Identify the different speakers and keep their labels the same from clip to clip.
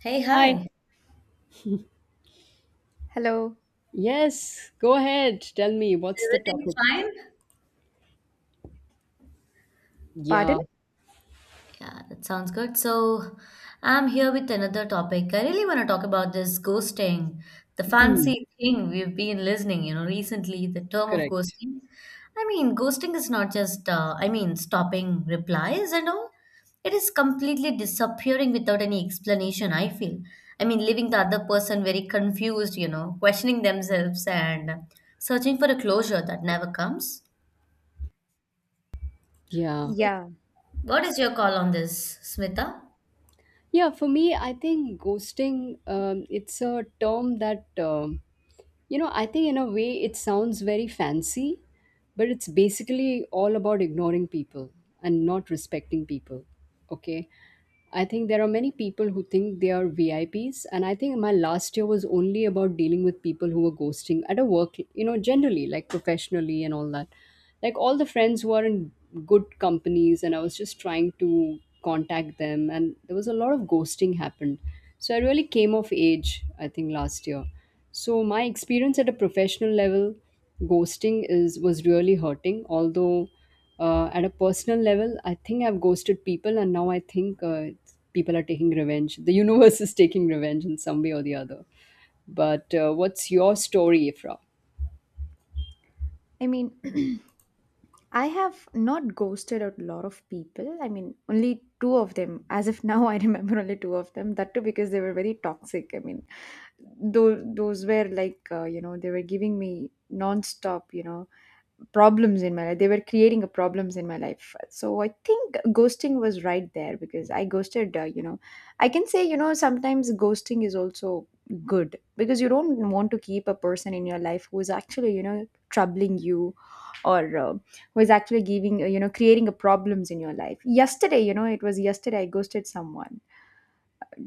Speaker 1: Hey,
Speaker 2: Hi.
Speaker 1: hi.
Speaker 3: Hello.
Speaker 2: Yes, go ahead. Tell me
Speaker 1: Is
Speaker 2: what's the
Speaker 1: everything
Speaker 2: topic?
Speaker 1: fine?
Speaker 2: Yeah.
Speaker 3: Pardon?
Speaker 1: Yeah, that sounds good. So, I'm here with another topic. I really want to talk about this ghosting, the
Speaker 2: Hmm.
Speaker 1: fancy thing we've been listening, you know, recently, the term of
Speaker 2: Correct.
Speaker 1: ghosting. I mean, ghosting is not just, I mean, stopping replies and all. It is completely disappearing without any explanation, I feel. I mean, leaving the other person very confused, you know, questioning themselves and searching for a closure that never comes.
Speaker 2: Yeah.
Speaker 3: Yeah.
Speaker 1: What is your call on this, Smita?
Speaker 2: Yeah, for me, I think ghosting, it's a term that, you know, I think in a way it sounds very fancy, but it's basically all about ignoring people and not respecting people. Okay. I think there are many people who think they are VIPs, and I think my last year was only about dealing with people who were ghosting at a work, you know, generally, like professionally and all that. Like all the friends who are in good companies, and I was just trying to contact them, and there was a lot of ghosting happened. So I really came of age, I think, last year. So my experience at a professional level, ghosting is was really hurting. Although at a personal level, I think I've ghosted people, and now I think it's people are taking revenge. The universe is taking revenge in some way or the other. But what's your story, Ifra?
Speaker 3: I mean, I have not ghosted a lot of people. I mean, only two of them. As of now, I remember only two of them. That too because they were very toxic. I mean, those were like they were giving me non-stop problems in my life. They were creating a problems in my life. So I think ghosting was right there because I ghosted I can say, sometimes ghosting is also good because you don't want to keep a person in your life who is actually troubling you or who is actually giving creating a problems in your life. Yesterday, it was yesterday I ghosted someone.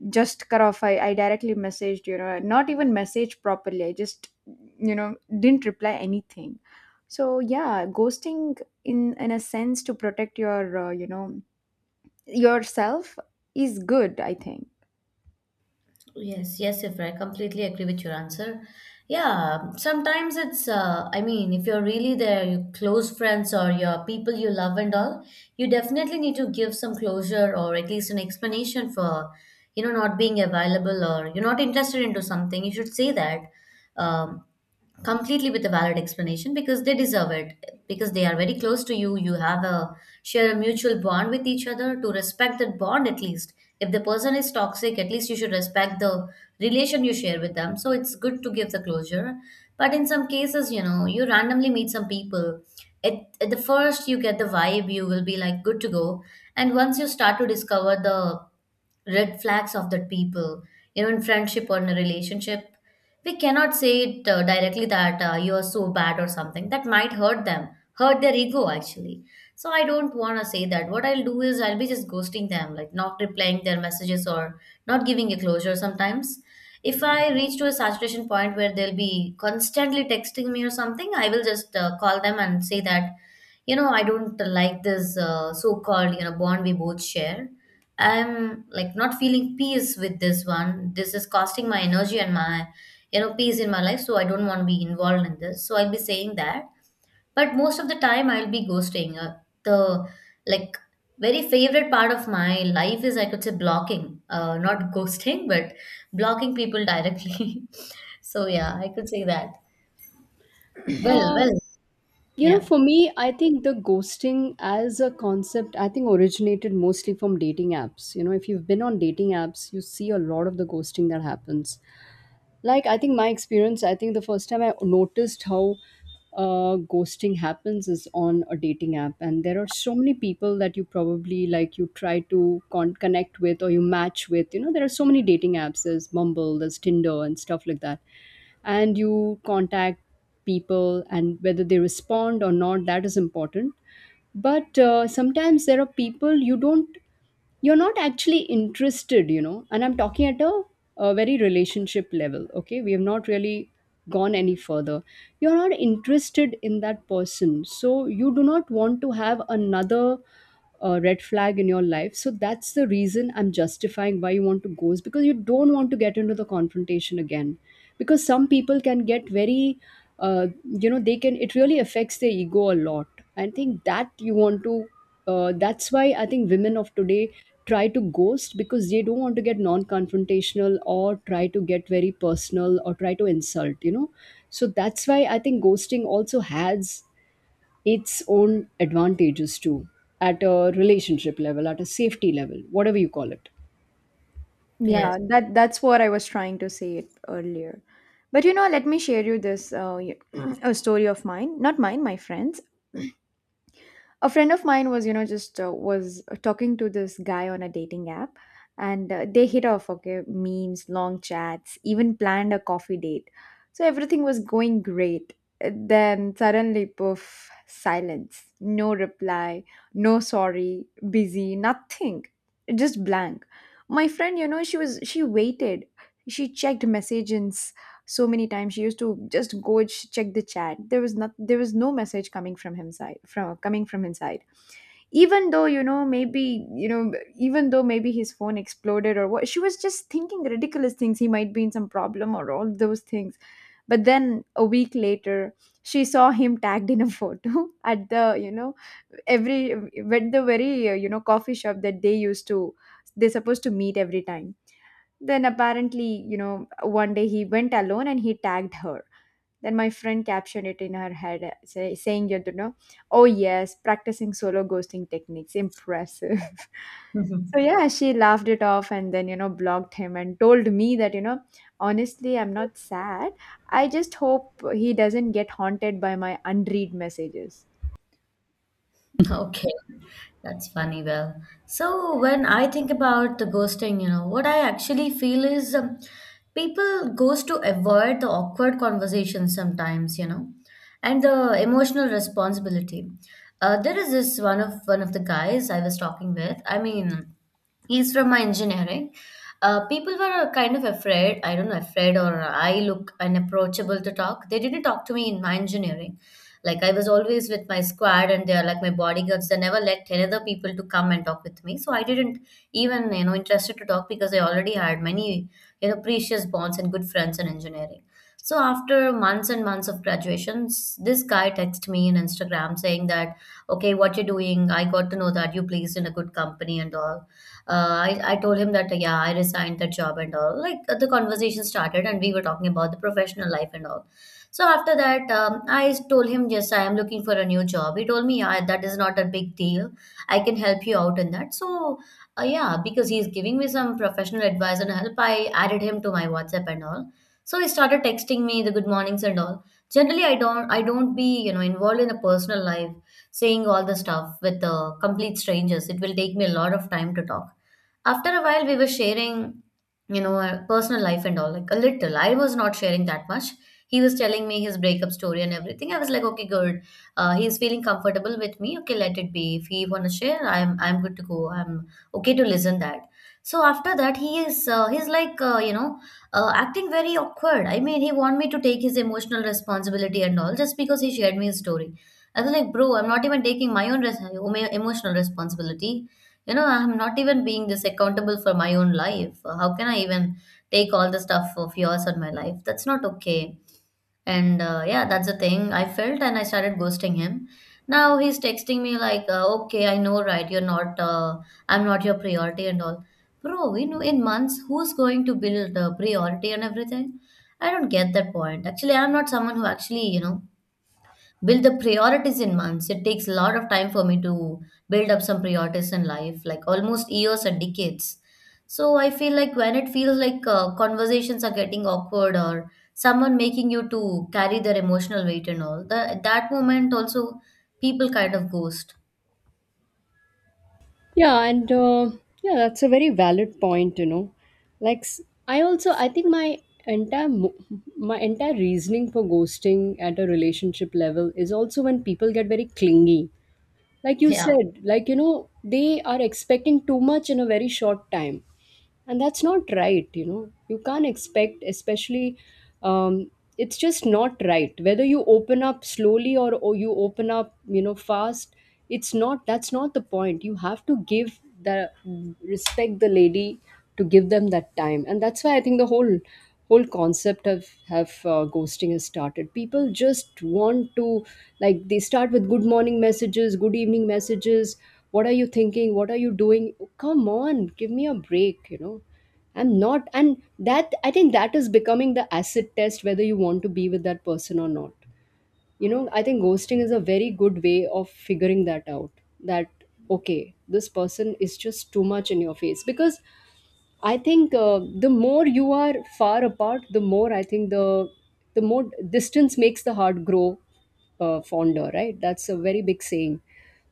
Speaker 3: Just cut off. I directly messaged, not even message properly, I just, you know didn't reply anything. So yeah, ghosting in a sense to protect your yourself is good, I think.
Speaker 1: Yes, yes, Ifra, I completely agree with your answer. Yeah, sometimes it's, I mean, if you're really there, your close friends or your people you love and all, you definitely need to give some closure or at least an explanation for, you know, not being available or you're not interested into something. You should say that. Um, Completely with a valid explanation because they deserve it, because they are very close to you. You have a share a mutual bond with each other. To respect that bond at least, if the person is toxic, at least you should respect the relation you share with them, so it's good to give the closure. But in some cases, you know, you randomly meet some people at, at the first. You get the vibe you will be like good to go, and once you start to discover the red flags of that people, you know, in friendship or in a relationship, we cannot say it directly that you are so bad or something. That might hurt them, hurt their ego actually. So I don't want to say that. What I'll do is I'll be just ghosting them, like not replying their messages or not giving a closure. Sometimes if I reach to a saturation point where they'll be constantly texting me or something, I will just call them and say that, you know, I don't like this so-called, you know, bond we both share. I'm like not feeling peace with this one. This is costing my energy and my, you know, peace in my life, so I don't want to be involved in this, so I'll be saying that. But most of the time I'll be ghosting the, like, very favorite part of my life is I could say blocking, not ghosting but blocking people directly. So yeah, I could say that. Well,
Speaker 2: Uh,
Speaker 1: well,
Speaker 2: you know,
Speaker 1: yeah,
Speaker 2: for me, I think the ghosting as a concept, I think originated mostly from dating apps. You know, if you've been on dating apps, you see a lot of the ghosting that happens, like I think my experience, I think the first time I noticed how ghosting happens is on a dating app. And there are so many people that you probably, like, you try to connect with or you match with. You know, there are so many dating apps, there's Mumble, there's Tinder and stuff like that, and you contact people, and whether they respond or not, that is important. But sometimes there are people you don't, you're not actually interested, you know, and I'm talking at a very relationship level. Okay, we have not really gone any further. You're not interested in that person, so you do not want to have another red flag in your life. So that's the reason I'm justifying why you want to go is because you don't want to get into the confrontation again, because some people can get very, you know, they can, it really affects their ego a lot. I think that you want to that's why I think women of today try to ghost, because they don't want to get non-confrontational or try to get very personal or try to insult, you know. So that's why I think ghosting also has its own advantages too, at a relationship level, at a safety level, whatever you call it.
Speaker 1: yes.
Speaker 3: Yeah, that's what I was trying to say it earlier, but let me share you this a story of mine, not mine, my friend's. A friend of mine was, just was talking to this guy on a dating app, and they hit off. Okay, memes, long chats, even planned a coffee date. So everything was going great. Then suddenly, poof. Silence. No reply, no sorry, busy, nothing, just blank. My friend, she waited. She checked messages so many times. She used to just go check the chat. There was no message coming from him side, from coming from inside. Even though, maybe, even though maybe his phone exploded or what, she was just thinking ridiculous things. He might be in some problem or all those things. But then a week later, she saw him tagged in a photo at the, every at the very, coffee shop that they used to, they're supposed to meet every time. Then apparently, you know, one day he went alone and he tagged her. Then my friend captioned it in her head, saying, you know, oh yes, practicing solo ghosting techniques, impressive. So yeah, she laughed it off and then, you know, blocked him and told me that, you know, honestly, I'm not sad. I just hope he doesn't get haunted by my unread messages.
Speaker 1: Okay, that's funny. Well, so when I think about the ghosting, you know, what I actually feel is people ghost to avoid the awkward conversations sometimes, you know, and the emotional responsibility. There is this one of the guys I was talking with. I mean, he's from my engineering. People were kind of afraid. I don't know, afraid or I look unapproachable to talk. They didn't talk to me in my engineering. Like I was always with my squad and they are like my bodyguards. They never let 10 other people to come and talk with me. So I didn't even, you know, interested to talk because I already had many, you know, precious bonds and good friends in engineering. So after months and months of graduations, this guy texted me in Instagram saying that, okay, what you're doing, I got to know that you placed in a good company and all. I told him that, yeah, I resigned that job and all. Like the conversation started and we were talking about the professional life and all. So after that, I told him, yes, I am looking for a new job. He told me, yeah, that is not a big deal. I can help you out in that. So yeah, because he's giving me some professional advice and help, I added him to my WhatsApp and all. So he started texting me the good mornings and all. Generally, I don't be, you know, involved in a personal life, saying all the stuff with complete strangers. It will take me a lot of time to talk. After a while, we were sharing, you know, our personal life and all, like a little. I was not sharing that much. He was telling me his breakup story and everything. I was like, okay, good. He's feeling comfortable with me. Okay, let it be. If he wanna share, I'm good to go. I'm okay to listen that. So after that, he's like you know, acting very awkward. I mean, he want me to take his emotional responsibility and all just because he shared me his story. I was like, bro, I'm not even taking my own emotional responsibility. You know, I'm not even being this accountable for my own life. How can I even take all the stuff of yours on my life? That's not okay. And yeah, that's the thing I felt, and I started ghosting him. Now he's texting me like, okay, I know, right? You're not, I'm not your priority and all. Bro, you know, in months, who's going to build a priority and everything? I don't get that point. Actually, I'm not someone who actually, you know, build the priorities in months. It takes a lot of time for me to build up some priorities in life, like almost years and decades. So I feel like when it feels like conversations are getting awkward or someone making you to carry their emotional weight and at that moment also people kind of ghost.
Speaker 2: Yeah, and yeah, that's a very valid point, you know. like s- I also, I think my entire mo- my entire reasoning for ghosting at a relationship level is also when people get very clingy, like you
Speaker 1: Yeah.
Speaker 2: said, like, you know, they are expecting too much in a very short time, and that's not right, you know. You can't expect, especially, um, it's just not right whether you open up slowly or you open up, you know, fast. It's not, that's not the point. You have to give the respect the lady, to give them that time. And that's why I think the whole concept of have ghosting has started. People just want to, like, they start with good morning messages, good evening messages, what are you thinking, what are you doing, come on, give me a break, you know, I'm not. And that, I think that is becoming the acid test whether you want to be with that person or not. You know, I think ghosting is a very good way of figuring that out, that okay, this person is just too much in your face. Because I think the more you are far apart, the more I think the more distance makes the heart grow fonder, right? That's a very big saying.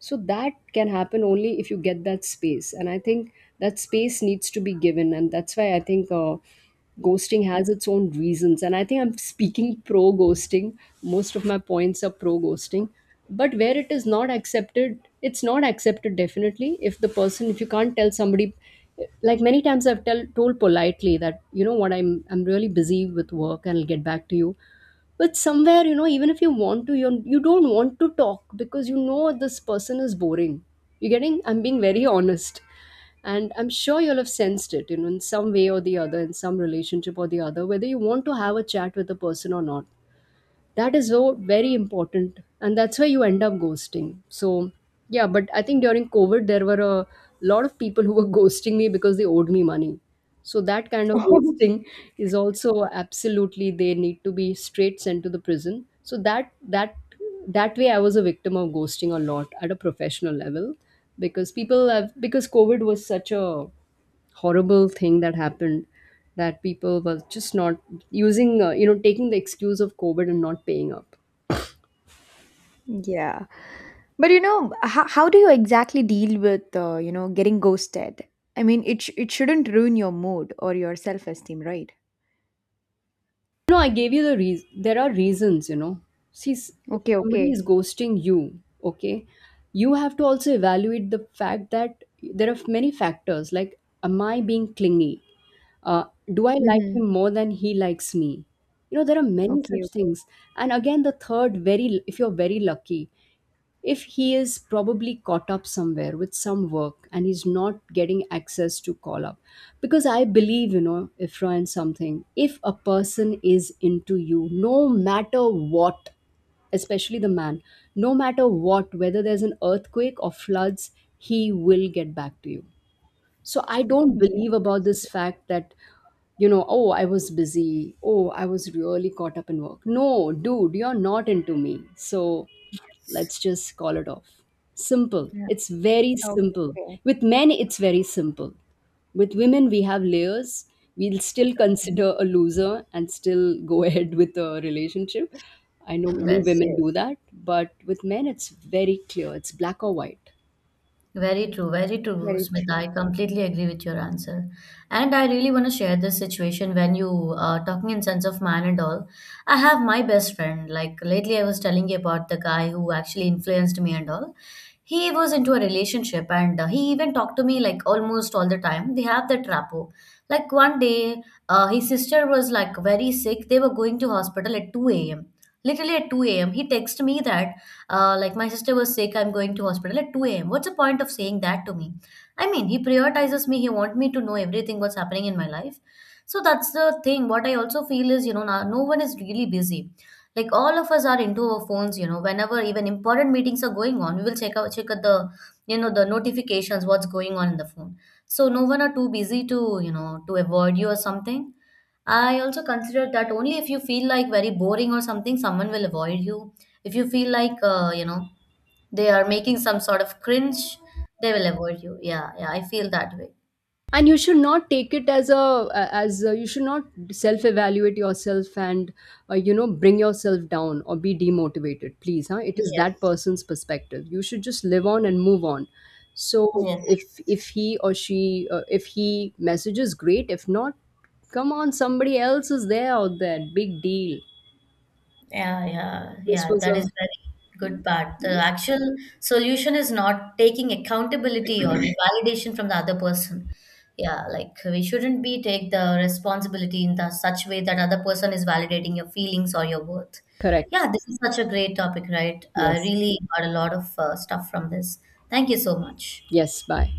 Speaker 2: So that can happen only if you get that space, and I think that space needs to be given. And that's why I think ghosting has its own reasons, and I think I'm speaking pro ghosting, most of my points are pro ghosting. But where it is not accepted, it's not accepted. Definitely if the person, if you can't tell somebody, like many times I've told politely that, you know what, I'm really busy with work and I'll get back to you. But somewhere, you know, even if you want to, you don't want to talk because you know this person is boring. You are getting, I'm being very honest, and I'm sure you'll have sensed it, you know, in some way or the other, in some relationship or the other, whether you want to have a chat with the person or not. That is so very important, and that's why you end up ghosting. So yeah, but I think during COVID there were a lot of people who were ghosting me because they owed me money. So that kind of ghosting is also absolutely, they need to be straight sent to the prison. So that that way I was a victim of ghosting a lot at a professional level, because people have, because COVID was such a horrible thing that happened, that people were just not using you know, taking the excuse of COVID and not paying up.
Speaker 3: Yeah. But you know, how do you exactly deal with getting ghosted? I mean, it it shouldn't ruin your mood or your self esteem, right?
Speaker 2: No, I gave you the reason. There are reasons, you know. See, if
Speaker 3: Okay,
Speaker 2: somebody is
Speaker 3: okay,
Speaker 2: ghosting you, okay, you have to also evaluate the fact that there are many factors, like am I being clingy, uh, do I like
Speaker 3: mm-hmm.
Speaker 2: him more than he likes me? You know, there are many
Speaker 3: Okay,
Speaker 2: such
Speaker 3: okay.
Speaker 2: things. And again, the third, very, if you're very lucky, if he is probably caught up somewhere with some work and he's not getting access to call up. Because I believe, you know, Ifra, in something, if a person is into you, no matter what, especially the man, no matter what, whether there's an earthquake or floods, he will get back to you. So I don't
Speaker 3: Yeah,
Speaker 2: believe about
Speaker 3: that's
Speaker 2: this
Speaker 3: true.
Speaker 2: fact that, you know, oh, I was busy, oh, I was really caught up in work. No, dude, you're not into me, so let's just call it off. Simple,
Speaker 1: Yeah.
Speaker 2: it's very
Speaker 3: Okay,
Speaker 2: simple.
Speaker 3: okay.
Speaker 2: With men it's very simple, with women we have layers. We'll still consider a loser and still go ahead with a relationship. I know many
Speaker 1: Yes.
Speaker 2: women
Speaker 3: Yes,
Speaker 2: do that. But with men it's very clear, it's black or white.
Speaker 1: Very true,
Speaker 3: very
Speaker 1: Smita.
Speaker 3: true.
Speaker 1: I completely agree with your answer. And I really want to share this situation when you are talking in sense of man and all. I have my best friend. Like lately, I was telling you about the guy who actually influenced me and all. He was into a relationship and he even talked to me like almost all the time. They have that rapport. Like one day, his sister was like very sick. They were going to hospital at 2 a.m. Literally at 2 a.m. He texted me that, like, my sister was sick, I'm going to hospital at 2 a.m. What's the point of saying that to me? I mean, he prioritizes me. He wants me to know everything what's happening in my life. So that's the thing. What I also feel is, you know, no, no one is really busy. Like all of us are into our phones, you know, whenever even important meetings are going on, we will check out the, you know, the notifications, what's going on in the phone. So no one are too busy to, you know, to avoid you or something. I also consider that only if you feel like very boring or something, someone will avoid you. If you feel like, you know, they are making some sort of cringe, they will avoid you. Yeah, yeah, I feel that way.
Speaker 2: And you should not take it as you should not self evaluate yourself and you know, bring yourself down or be demotivated. Please, huh, it is that
Speaker 1: Yes.
Speaker 2: person's perspective. You should just live on and move on. So
Speaker 1: Yes.
Speaker 2: if he or she, if he messages, great. If not, come on, somebody else is there out there. Big deal.
Speaker 1: Yeah, yeah,
Speaker 2: This
Speaker 1: yeah.
Speaker 2: was
Speaker 1: That is
Speaker 2: a
Speaker 1: very good part. The actual solution is not taking accountability or validation from the other person. Yeah, like we shouldn't be take the responsibility in the such way that other person is validating your feelings or your worth.
Speaker 2: correct.
Speaker 1: Yeah, this is such a great topic, right? I
Speaker 2: Yes.
Speaker 1: really got a lot of stuff from this. Thank you so much.
Speaker 2: Yes, bye.